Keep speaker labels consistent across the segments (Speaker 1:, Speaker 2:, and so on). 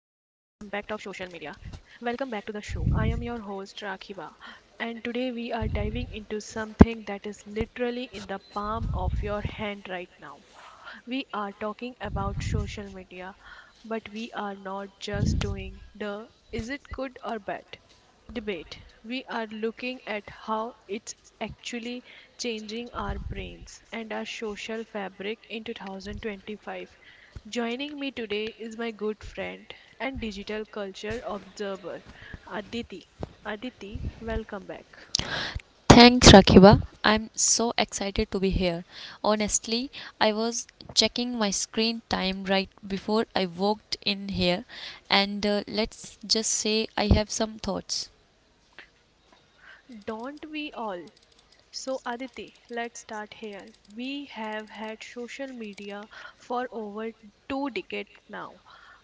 Speaker 1: media. Welcome back to the show. I am your host Rakhiba, and today we are diving into something that is literally in the palm of your hand right now. We are talking about social media, but we are not just doing the is it good or bad debate. We are looking at how it's actually changing our brains and our social fabric in 2025. Joining me today is my good friend and digital culture observer, Aditi. Aditi, welcome back.
Speaker 2: Thanks, Rakiba. I'm so excited to be here. Honestly, I was checking my screen time right before I walked in here, and let's just say I have some thoughts.
Speaker 1: Don't we all? So, Aditi, let's start here. We have had social media for over two decades now.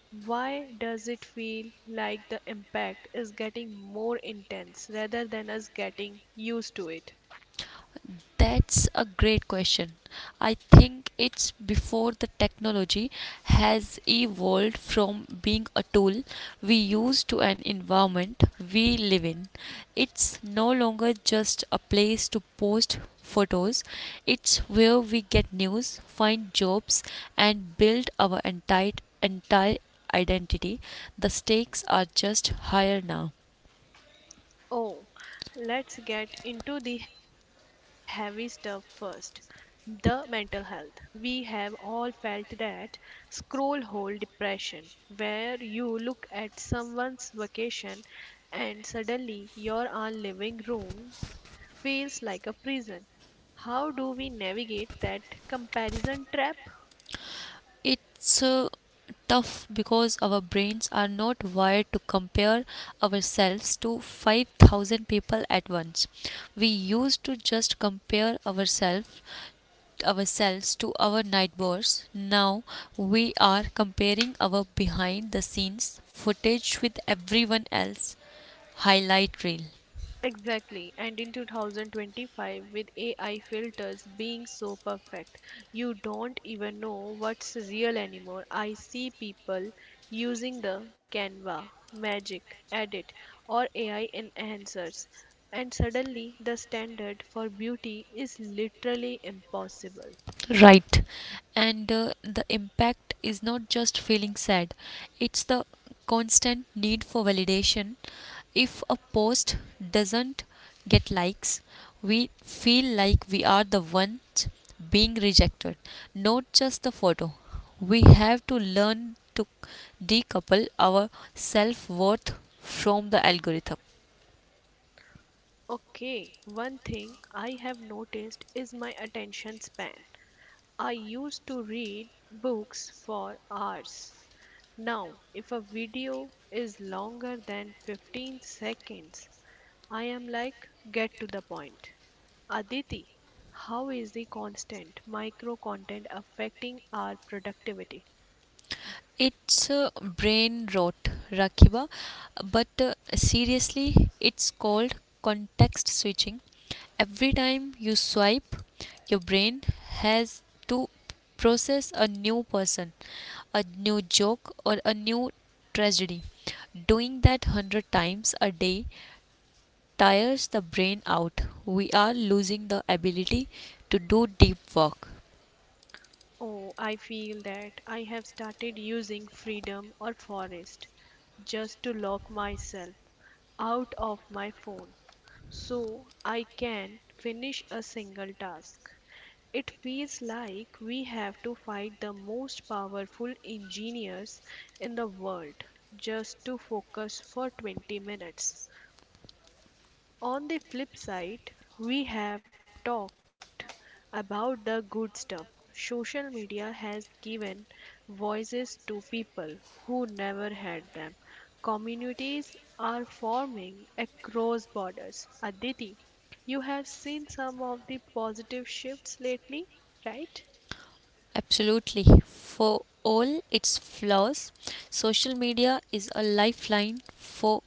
Speaker 1: Why does it feel like the impact is getting more intense rather than us getting used to it?
Speaker 2: That's a great question. I think it's before the technology has evolved from being a tool we use to an environment we live in. It's no longer just a place to post photos, it's where we get news, find jobs, and build our entire identity. The stakes are just higher now.
Speaker 1: Oh, let's get into the heavy stuff first. The mental health. We have all felt that scroll hole depression, where you look at someone's vacation and suddenly your own living room feels like a prison. How do we navigate that comparison trap?
Speaker 2: It's tough because our brains are not wired to compare ourselves to 5,000 people at once. We used to just compare ourselves to our neighbors. Now we are comparing our behind the scenes footage with everyone else highlight reel.
Speaker 1: Exactly, and in 2025, with AI filters being so perfect, you don't even know what's real anymore. I see people using the Canva, Magic, Edit, or AI enhancers, and suddenly the standard for beauty is literally impossible.
Speaker 2: Right. And the impact is not just feeling sad, it's the constant need for validation. If a post doesn't get likes, we feel like we are the ones being rejected, not just the photo. We have to learn to decouple our self worth from the algorithm.
Speaker 1: Okay, one thing I have noticed is my attention span. I used to read books for hours. Now, if a video is longer than 15 seconds, I am like, get to the point. Aditi, how is the constant micro content affecting our productivity?
Speaker 2: It's brain rot, Rakiba, but seriously, it's called context switching. Every time you swipe, your brain has to process a new person, a new joke, or a new tragedy. Doing that 100 times a day tires the brain out. We are losing the ability to do deep work.
Speaker 1: Oh, I feel that. I have started using freedom or forest just to lock myself out of my phone so I can finish a single task. It feels like we have to fight the most powerful engineers in the world just to focus for 20 minutes. On the flip side, we have talked about the good stuff. Social media has given voices to people who never had them. Communities are forming across borders. Aditi, you have seen some of the positive shifts lately, right?
Speaker 2: Absolutely. For all its flaws, social media is a lifeline for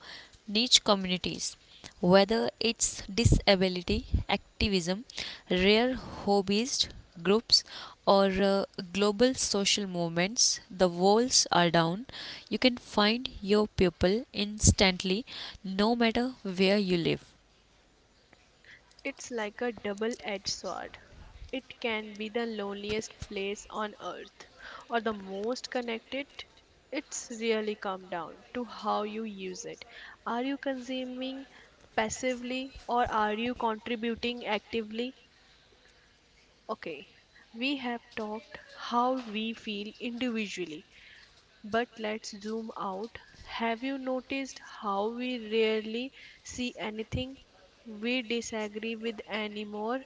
Speaker 2: niche communities. Whether it's disability, activism, rare hobbyist groups, or global social movements, the walls are down. You can find your people instantly no matter where you live.
Speaker 1: It's like a double edged sword. It can be the loneliest place on earth or the most connected. It's really come down to how you use it. Are you consuming passively or are you contributing actively? Okay, we have talked how we feel individually, but let's zoom out. Have you noticed how we rarely see anything we disagree with anymore?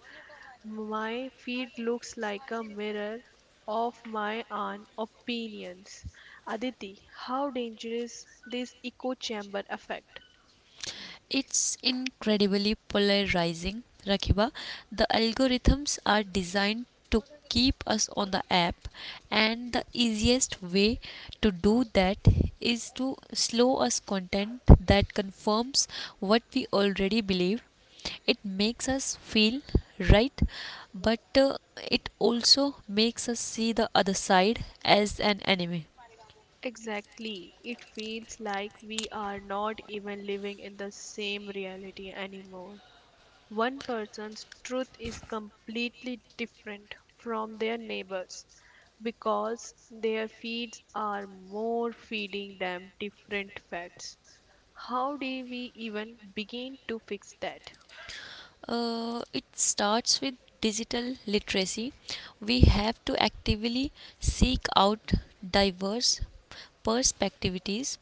Speaker 1: My feed looks like a mirror of my own opinions. Aditi, how dangerous this echo chamber effect?
Speaker 2: It's incredibly polarizing, Rakiba. The algorithms are designed to keep us on the app, and the easiest way to do that is to slow us content that confirms what we already believe. It makes us feel right, but it also makes us see the other side as an enemy.
Speaker 1: Exactly. It feels like we are not even living in the same reality anymore. One person's truth is completely different from their neighbor's because their feeds are more feeding them different facts. How do we even begin to fix that?
Speaker 2: It starts with digital literacy. We have to actively seek out diverse perspectives.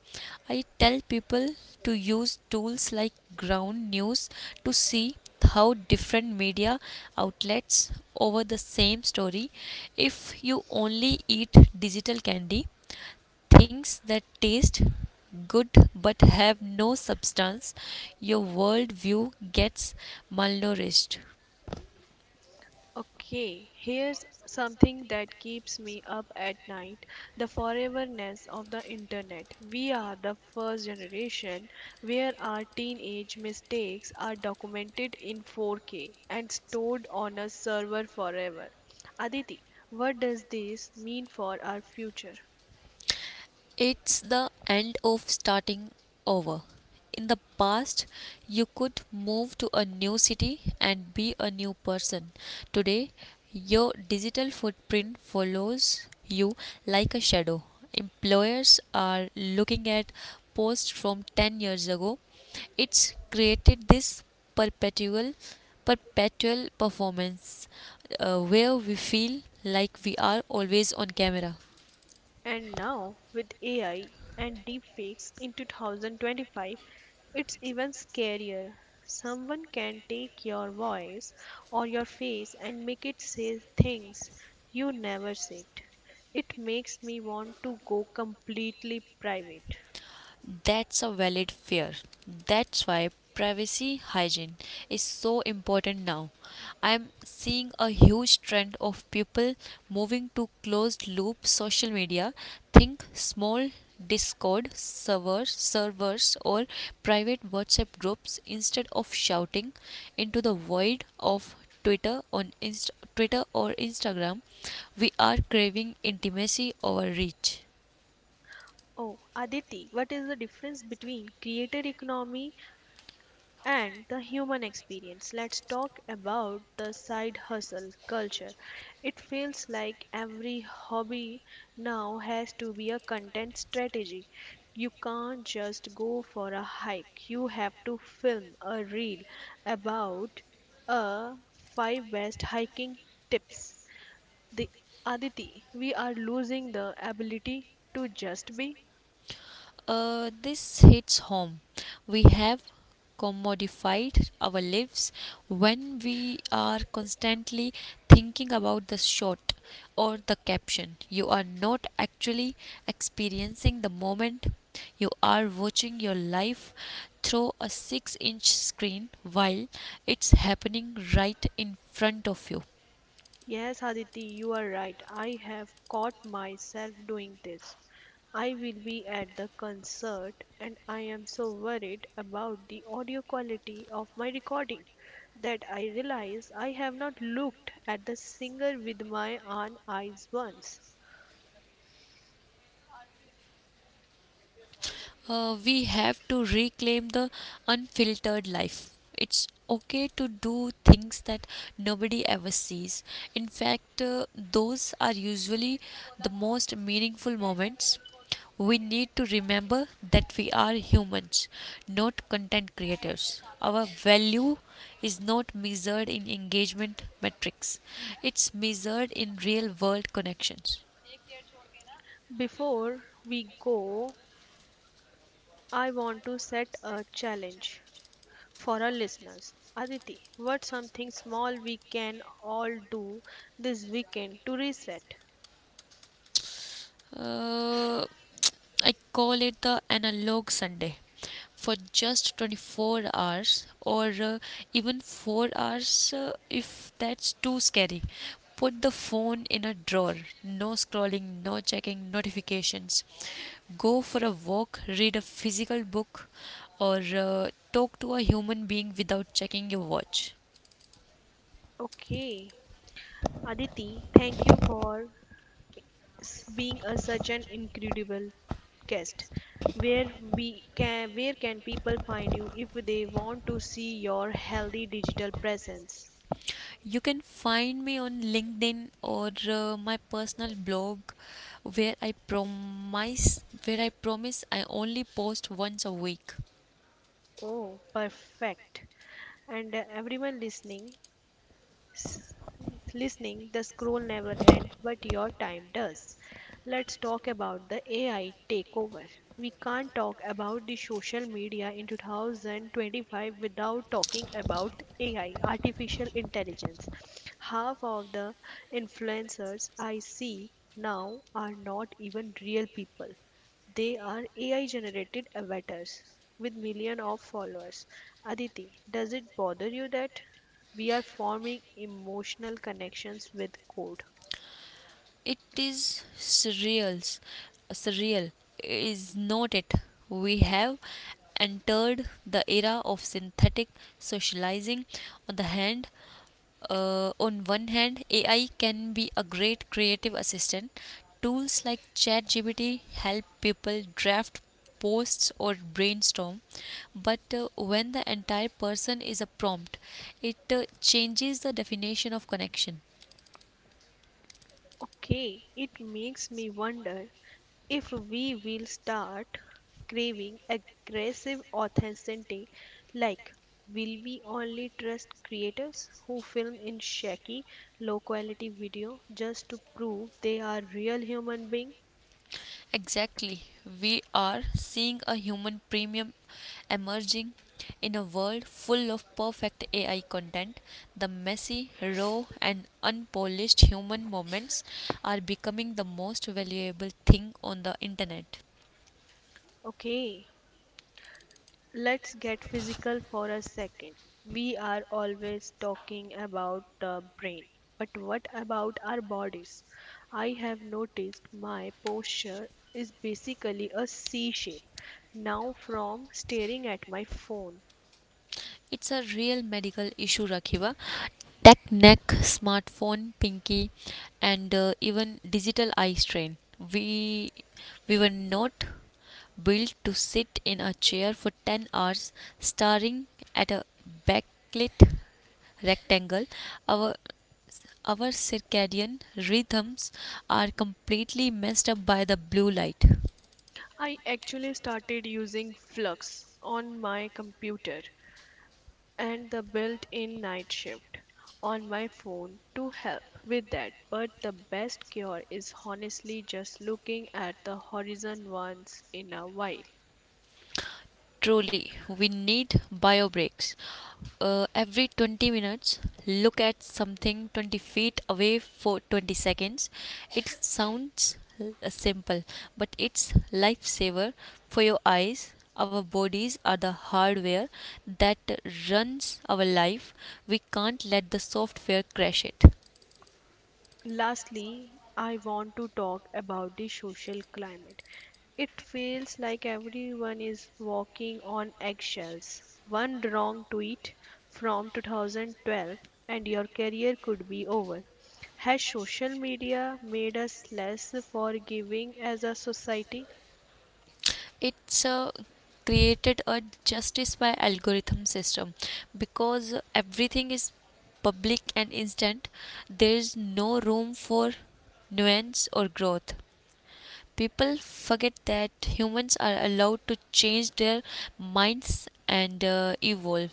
Speaker 2: I tell people to use tools like ground news to see how different media outlets over the same story. If you only eat digital candy, things that taste good but have no substance, your worldview gets malnourished.
Speaker 1: Okay, here's something that keeps me up at night, the foreverness of the internet. We are the first generation where our teenage mistakes are documented in 4K and stored on a server forever. Aditi, what does this mean for our future?
Speaker 2: It's the end of starting over. In the past, you could move to a new city and be a new person. Today, your digital footprint follows you like a shadow. Employers are looking at posts from 10 years ago. It's created this perpetual perpetual performance where we feel like we are always on camera.
Speaker 1: And now, with AI and deepfakes in 2025, it's even scarier. Someone can take your voice or your face and make it say things you never said. It makes me want to go completely private.
Speaker 2: That's a valid fear. That's why privacy hygiene is so important now. I'm seeing a huge trend of people moving to closed loop social media. Think small Discord servers or private WhatsApp groups instead of shouting into the void of Twitter or Instagram. We are craving intimacy over reach.
Speaker 1: Oh, Aditi, what is the difference between creator economy and the human experience. Let's talk about the side hustle culture. It feels like every hobby now has to be a content strategy. You can't just go for a hike, you have to film a reel about a five best hiking tips. The Aditi, we are losing the ability to just be.
Speaker 2: This hits home. We have commodified our lives when we are constantly thinking about the shot or the caption. You are not actually experiencing the moment. You are watching your life through a 6-inch screen while it's happening right in front of you.
Speaker 1: Yes, Aditi, you are right. I have caught myself doing this. I will be at the concert and I am so worried about the audio quality of my recording that I realize I have not looked at the singer with my own eyes once.
Speaker 2: We have to reclaim the unfiltered life. It's okay to do things that nobody ever sees. In fact, those are usually the most meaningful moments. We need to remember that we are humans, not content creators. Our value is not measured in engagement metrics, it's measured in real world connections.
Speaker 1: Before we go, I want to set a challenge for our listeners. Aditi, what's something small we can all do this weekend to reset?
Speaker 2: Uh, I call it the analog Sunday. For just 24 hours, or even 4 hours if that's too scary, put the phone in a drawer. No scrolling, no checking notifications. Go for a walk, read a physical book, or talk to a human being without checking your watch.
Speaker 1: Okay, Aditi, thank you for such an incredible guest. Where can people find you if they want to see your healthy digital presence?
Speaker 2: You can find me on LinkedIn or my personal blog where I promise I only post once a week.
Speaker 1: Oh, perfect! And everyone listening, s- the scroll never ends, but your time does. Let's talk about the AI takeover. We can't talk about the social media in 2025 without talking about AI, artificial intelligence. Half of the influencers I see now are not even real people. They are AI generated avatars with millions of followers. Aditi, does it bother you that we are forming emotional connections with code.
Speaker 2: It is surreal. Surreal is not it. We have entered the era of synthetic socializing on the hand on one hand, AI can be a great creative assistant. Tools like ChatGPT help people draft posts or brainstorm, but when the entire person is a prompt, it changes the definition of connection.
Speaker 1: Okay, it makes me wonder if we will start craving aggressive authenticity. Like, will we only trust creators who film in shaky, low quality video just to prove they are real human being?
Speaker 2: Exactly. We are seeing a human premium emerging in a world full of perfect AI content. The messy, raw, and unpolished human moments are becoming the most valuable thing on the internet.
Speaker 1: Okay. Let's get physical for a second. We are always talking about the brain, but what about our bodies? I have noticed my posture is basically a C shape now, from staring at my phone.
Speaker 2: It's a real medical issue, Rakhiva. Tech neck, smartphone, pinky, and even digital eye strain. We we were not built to sit in a chair for 10 hours staring at a backlit rectangle. Our our circadian rhythms are completely messed up by the blue light.
Speaker 1: I actually started using Flux on my computer and the built-in night shift on my phone to help with that. But the best cure is honestly just looking at the horizon once in a while.
Speaker 2: Truly, we need bio breaks. Every 20 minutes, look at something 20 feet away for 20 seconds. It sounds simple, but it's lifesaver for your eyes. Our bodies are the hardware that runs our life. We can't let the software crash it.
Speaker 1: Lastly, I want to talk about the social climate. It feels like everyone is walking on eggshells. One wrong tweet from 2012 and your career could be over. Has social media made us less forgiving as a society?
Speaker 2: It's created a justice by algorithm system, because everything is public and instant there is no room for nuance or growth. People forget that humans are allowed to change their minds and evolve.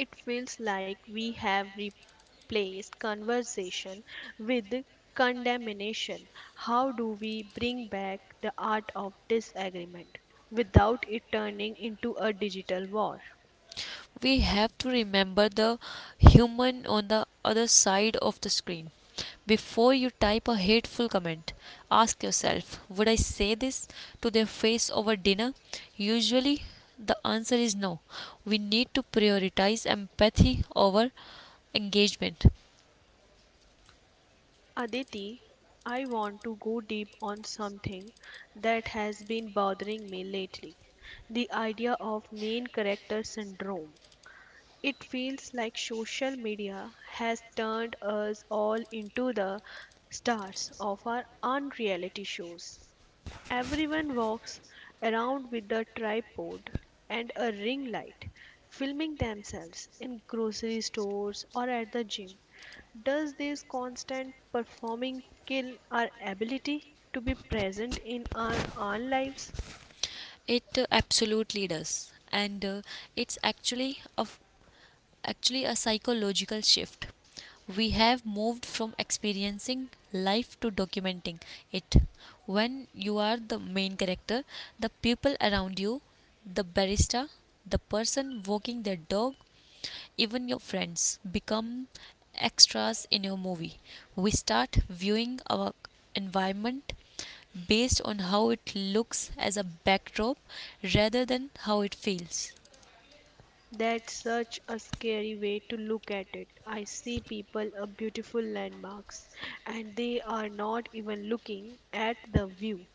Speaker 1: It feels like we have replaced conversation with condemnation. How do we bring back the art of disagreement without it turning into a digital war?
Speaker 2: We have to remember the human on the other side of the screen. Before you type a hateful comment, ask yourself, would I say this to their face over dinner? Usually, the answer is no. We need to prioritize empathy over engagement.
Speaker 1: Aditi, I want to go deep on something that has been bothering me lately, the idea of main character syndrome. It feels like social media has turned us all into the stars of our own reality shows. Everyone walks around with a tripod and a ring light, filming themselves in grocery stores or at the gym. Does this constant performing kill our ability to be present in our own lives?
Speaker 2: It absolutely does. And it's actually a psychological shift. We have moved from experiencing life to documenting it. When you are the main character, the people around you, the barista, the person walking their dog, even your friends become extras in your movie. We start viewing our environment based on how it looks as a backdrop rather than how it feels.
Speaker 1: That's such a scary way to look at it. I see people a beautiful landmarks and they are not even looking at the view.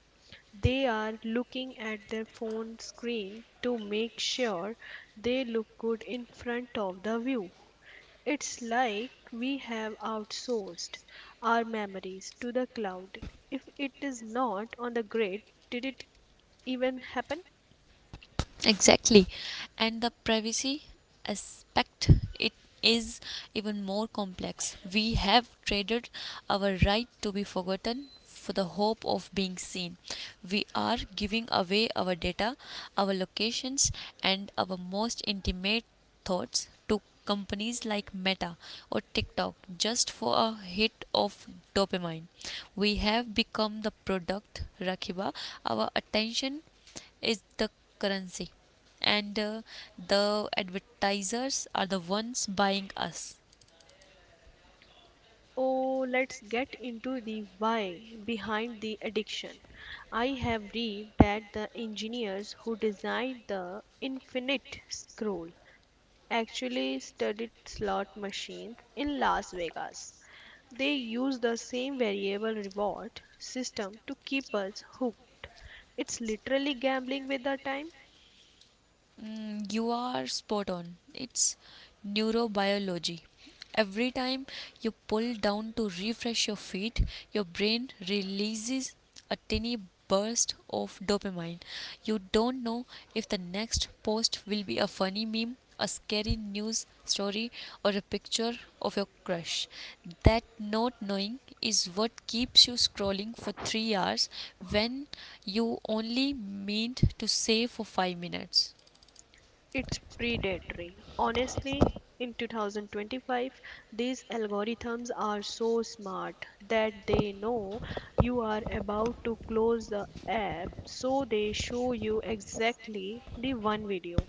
Speaker 1: They are looking at their phone screen to make sure they look good in front of the view. It's like we have outsourced our memories to the cloud. If it is not on the grid, did it even happen?
Speaker 2: Exactly. And the privacy aspect, it is even more complex. We have traded our right to be forgotten for the hope of being seen. We are giving away our data, our locations, and our most intimate thoughts to companies like Meta or TikTok just for a hit of dopamine. We have become the product, Rakiba, our attention is the currency, and the advertisers are the ones buying us.
Speaker 1: Oh, let's get into the why behind the addiction. I have read that the engineers who designed the Infinite Scroll actually studied slot machines in Las Vegas. They use the same variable reward system to keep us hooked. It's literally gambling with the time.
Speaker 2: Mm, you are spot on. It's neurobiology. Every time you pull down to refresh your feet, your brain releases a tiny burst of dopamine. You don't know if the next post will be a funny meme, a scary news story, or a picture of your crush. That not knowing is what keeps you scrolling for 3 hours when you only meant to say for 5 minutes.
Speaker 1: It's predatory. Honestly, in 2025, these algorithms are so smart that they know you are about to close the app, so they show you exactly the one video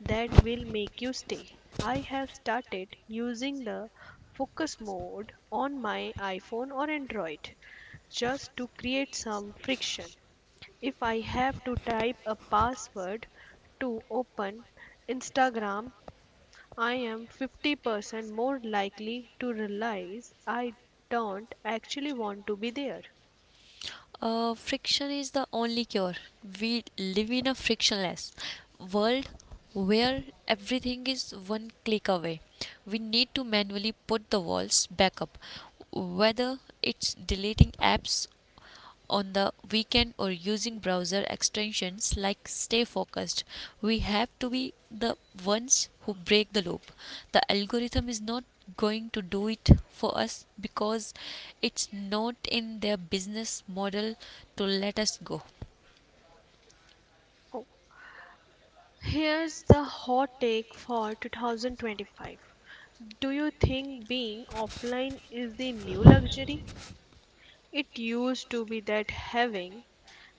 Speaker 1: that will make you stay. I have started using the focus mode on my iPhone or Android just to create some friction. If I have to type a password to open Instagram, I am 50% more likely to realize I don't actually want to be there.
Speaker 2: Friction is the only cure. We live in a frictionless world where everything is one click away. We need to manually put the walls back up, whether it's deleting apps on the weekend or using browser extensions like stay focused. We have to be the ones who break the loop. The algorithm is not going to do it for us because it's not in their business model to let us go.
Speaker 1: Oh, here's the hot take for 2025. Do you think being offline is the new luxury? It used to be that having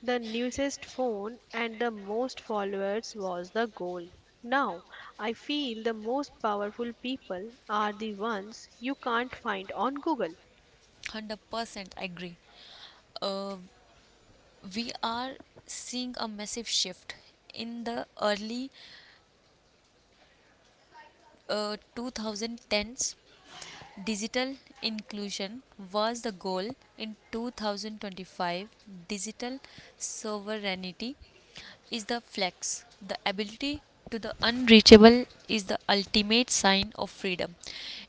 Speaker 1: the newest phone and the most followers was the goal. Now, I feel the most powerful people are the ones you can't find on Google.
Speaker 2: 100% agree. uh, we are seeing a massive shift. In the early 2010s, digital inclusion was the goal. In 2025, digital sovereignty is the flex. The ability to the unreachable is the ultimate sign of freedom.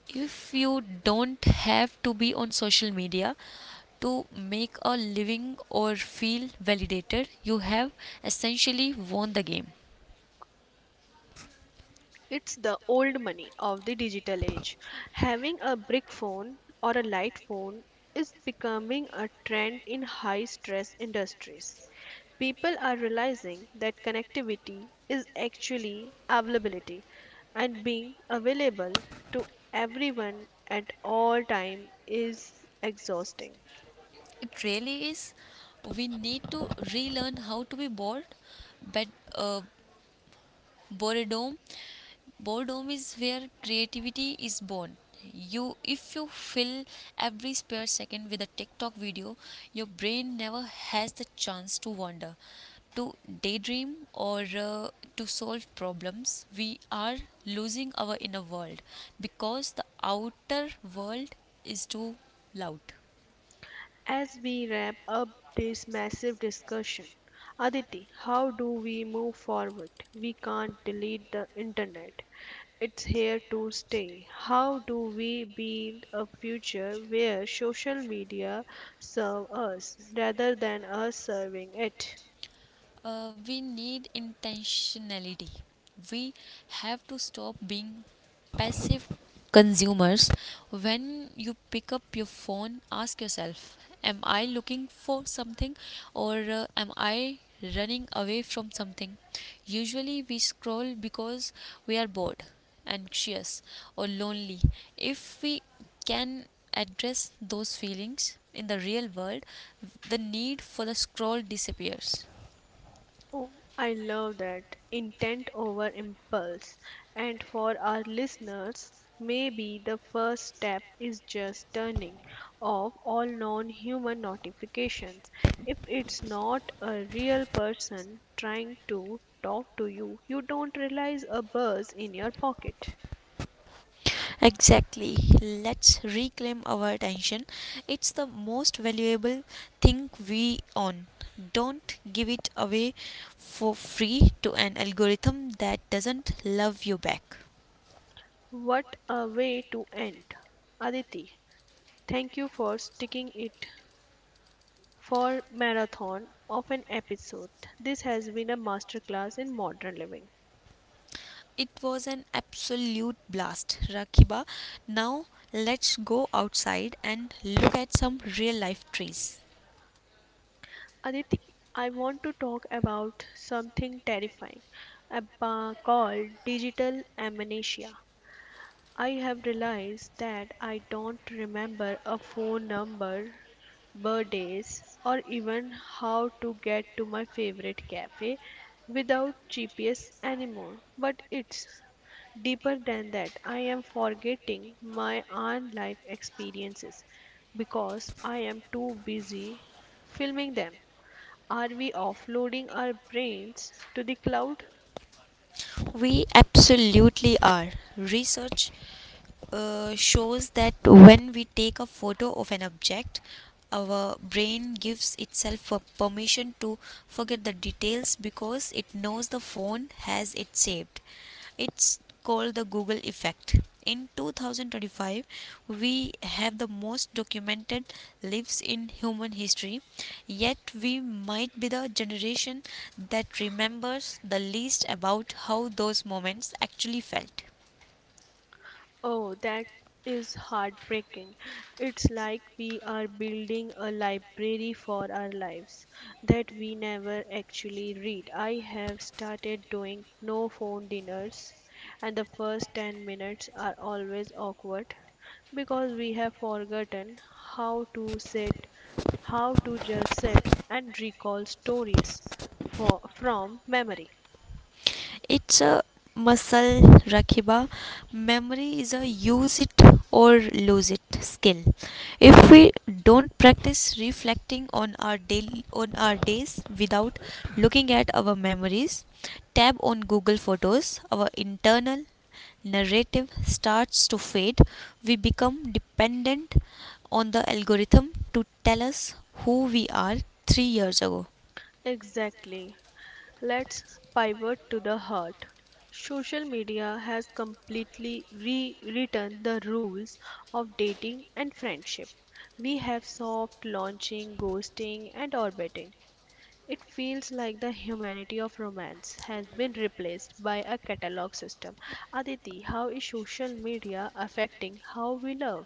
Speaker 2: If you don't have to be on social media to make a living or feel validated, you have essentially won the game.
Speaker 1: It's the old money of the digital age. Having a brick phone or a light phone is becoming a trend in high stress industries. People are realizing that connectivity is actually availability, and being available to everyone at all time is exhausting.
Speaker 2: It really is. We need to relearn how to be bored, but uh, boredom boredom is where creativity is born. You if you fill every spare second with a TikTok video, your brain never has the chance to wander, to daydream, or to solve problems. We are losing our inner world because the outer world is too loud.
Speaker 1: As we wrap up this massive discussion, Aditi, how do we move forward? We can't delete the internet. It's here to stay. How do we build a future where social media serve us rather than us serving it?
Speaker 2: We need intentionality. We have to stop being passive consumers. When you pick up your phone, ask yourself, am I looking for something, or am I running away from something? Usually, we scroll because we are bored, anxious, or lonely. If we can address those feelings in the real world, the need for the scroll disappears.
Speaker 1: Oh, I love that. Intent over impulse. And for our listeners, maybe the first step is just turning off all non human notifications. If it's not a real person trying to talk to you, you don't realize a buzz in your pocket.
Speaker 2: Exactly. Let's reclaim our attention. It's the most valuable thing we own. Don't give it away for free to an algorithm that doesn't love you back.
Speaker 1: What a way to end. Aditi, thank you for sticking it for marathon of an episode. This has been a masterclass in modern living.
Speaker 2: It was an absolute blast, Rakiba. Now let's go outside and look at some real life trees.
Speaker 1: Aditi, I want to talk about something terrifying called digital amnesia. I have realized that I don't remember a phone number, birthdays, or even how to get to my favorite cafe without GPS anymore. But it's deeper than that, I am forgetting my own life experiences because I am too busy filming them. Are we offloading our brains to the cloud?
Speaker 2: We absolutely are. Research shows that when we take a photo of an object, our brain gives itself a permission to forget the details because it knows the phone has it saved. It's called the Google effect. In 2025, we have the most documented lives in human history, yet we might be the generation that remembers the least about how those moments actually felt.
Speaker 1: Oh, that is heartbreaking. It's like we are building a library for our lives that we never actually read. I have started doing no phone dinners, and the first 10 minutes are always awkward because we have forgotten how to sit, how to just sit and recall stories from memory.
Speaker 2: It's a muscle, Rakiba. Memory is a use it or lose it skill. If we don't practice reflecting on our days without looking at our memories, tab on Google Photos, our internal narrative starts to fade. We become dependent on the algorithm to tell us who we are 3 years ago.
Speaker 1: Exactly. Let's pivot to the heart. Social media has completely rewritten the rules of dating and friendship. We have soft launching, ghosting, and orbiting. It feels like the humanity of romance has been replaced by a catalog system. Aditi, how is social media affecting how we love?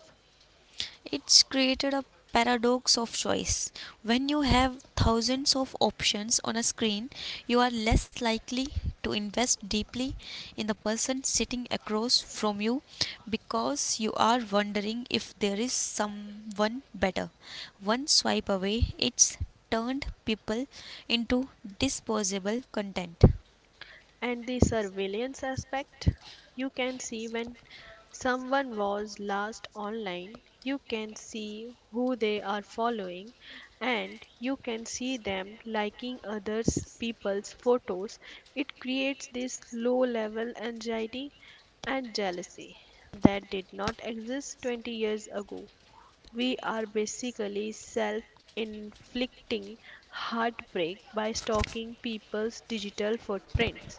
Speaker 2: It's created a paradox of choice. When you have thousands of options on a screen, you are less likely to invest deeply in the person sitting across from you because you are wondering if there is someone better. One swipe away, it's turned people into disposable content.
Speaker 1: And the surveillance aspect, you can see when someone was last online, you can see who they are following, and you can see them liking others people's photos. It creates this low level anxiety and jealousy that did not exist 20 years ago. We are basically self inflicting heartbreak by stalking people's digital footprints.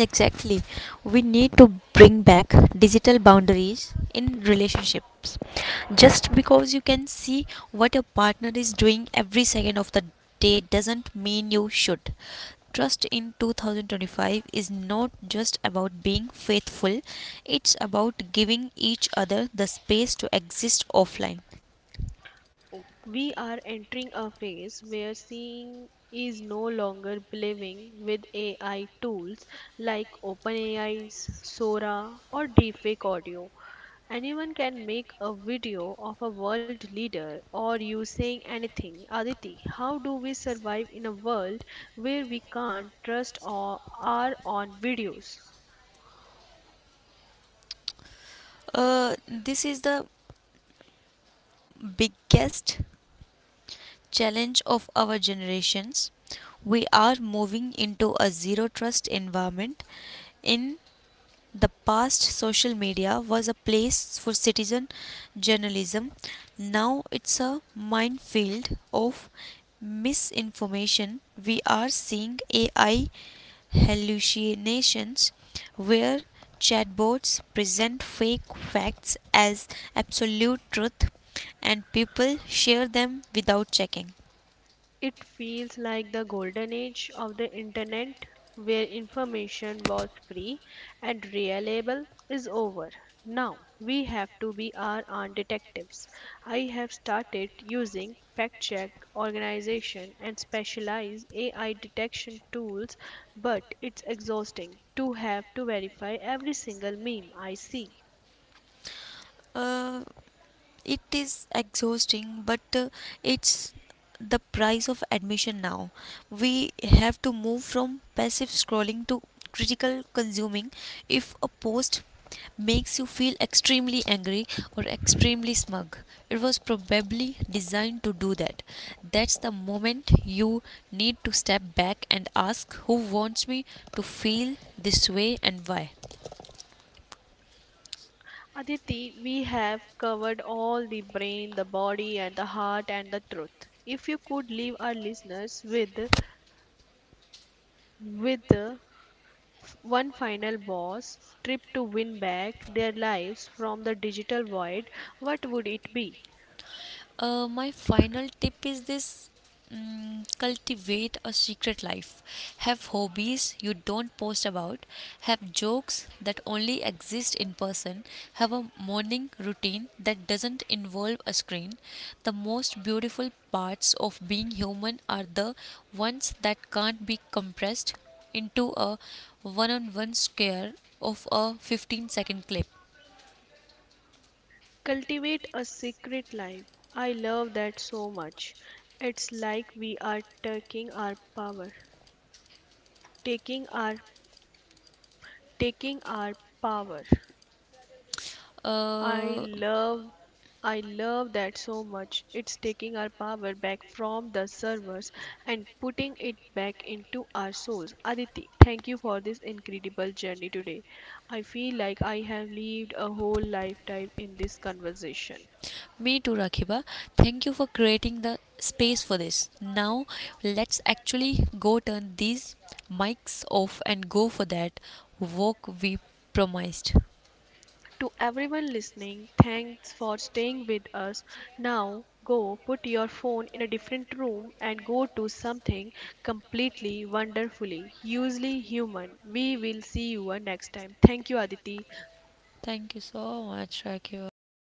Speaker 2: Exactly. We need to bring back digital boundaries in relationships. Just because you can see what your partner is doing every second of the day doesn't mean you should. Trust in 2025 is not just about being faithful, it's about giving each other the space to exist offline.
Speaker 1: Oh, we are entering a phase where seeing is no longer believing with AI tools like OpenAI's Sora or Deepfake Audio. Anyone can make a video of a world leader or you saying anything. Aditi, how do we survive in a world where we can't trust our own videos?
Speaker 2: Uh, this is the biggest challenge of our generations. We are moving into a zero trust environment. In the past, social media was a place for citizen journalism. Now it's a minefield of misinformation. We are seeing AI hallucinations where chatbots present fake facts as absolute truth and people share them without checking.
Speaker 1: It feels like the golden age of the internet where information was free and reliable is over. Now we have to be our own detectives. I have started using fact check organization and specialized AI detection tools, but it's exhausting to have to verify every single meme I see.
Speaker 2: Uh, it is exhausting, but it's the price of admission now. We have to move from passive scrolling to critical consuming. If a post makes you feel extremely angry or extremely smug, it was probably designed to do that. That's the moment you need to step back and ask, who wants me to feel this way and why.
Speaker 1: Aditi, we have covered all the brain, the body, and the heart, and the truth. If you could leave our listeners with with uh, one final boss trip to win back their lives from the digital void, what would it be?
Speaker 2: My final tip is this, cultivate a secret life. Have hobbies you don't post about, have jokes that only exist in person, have a morning routine that doesn't involve a screen. The most beautiful parts of being human are the ones that can't be compressed into a one on one scare of a 15-second clip.
Speaker 1: Cultivate a secret life. I love that so much. It's like we are taking our power, taking our taking our power. I
Speaker 2: Uh,
Speaker 1: love I love that so much. It's taking our power back from the servers and putting it back into our souls. Aditi, thank you for this incredible journey today. I feel like I have lived a whole lifetime in this conversation.
Speaker 2: Me too, Rakiba. Thank you for creating the space for this. Now, let's actually go turn these mics off and go for that work we promised.
Speaker 1: To everyone listening, thanks for staying with us. Now, go put your phone in a different room and go to something completely wonderfully, usually human. We will see you next time. Thank you, Aditi.
Speaker 2: Thank you so much, Rakiba.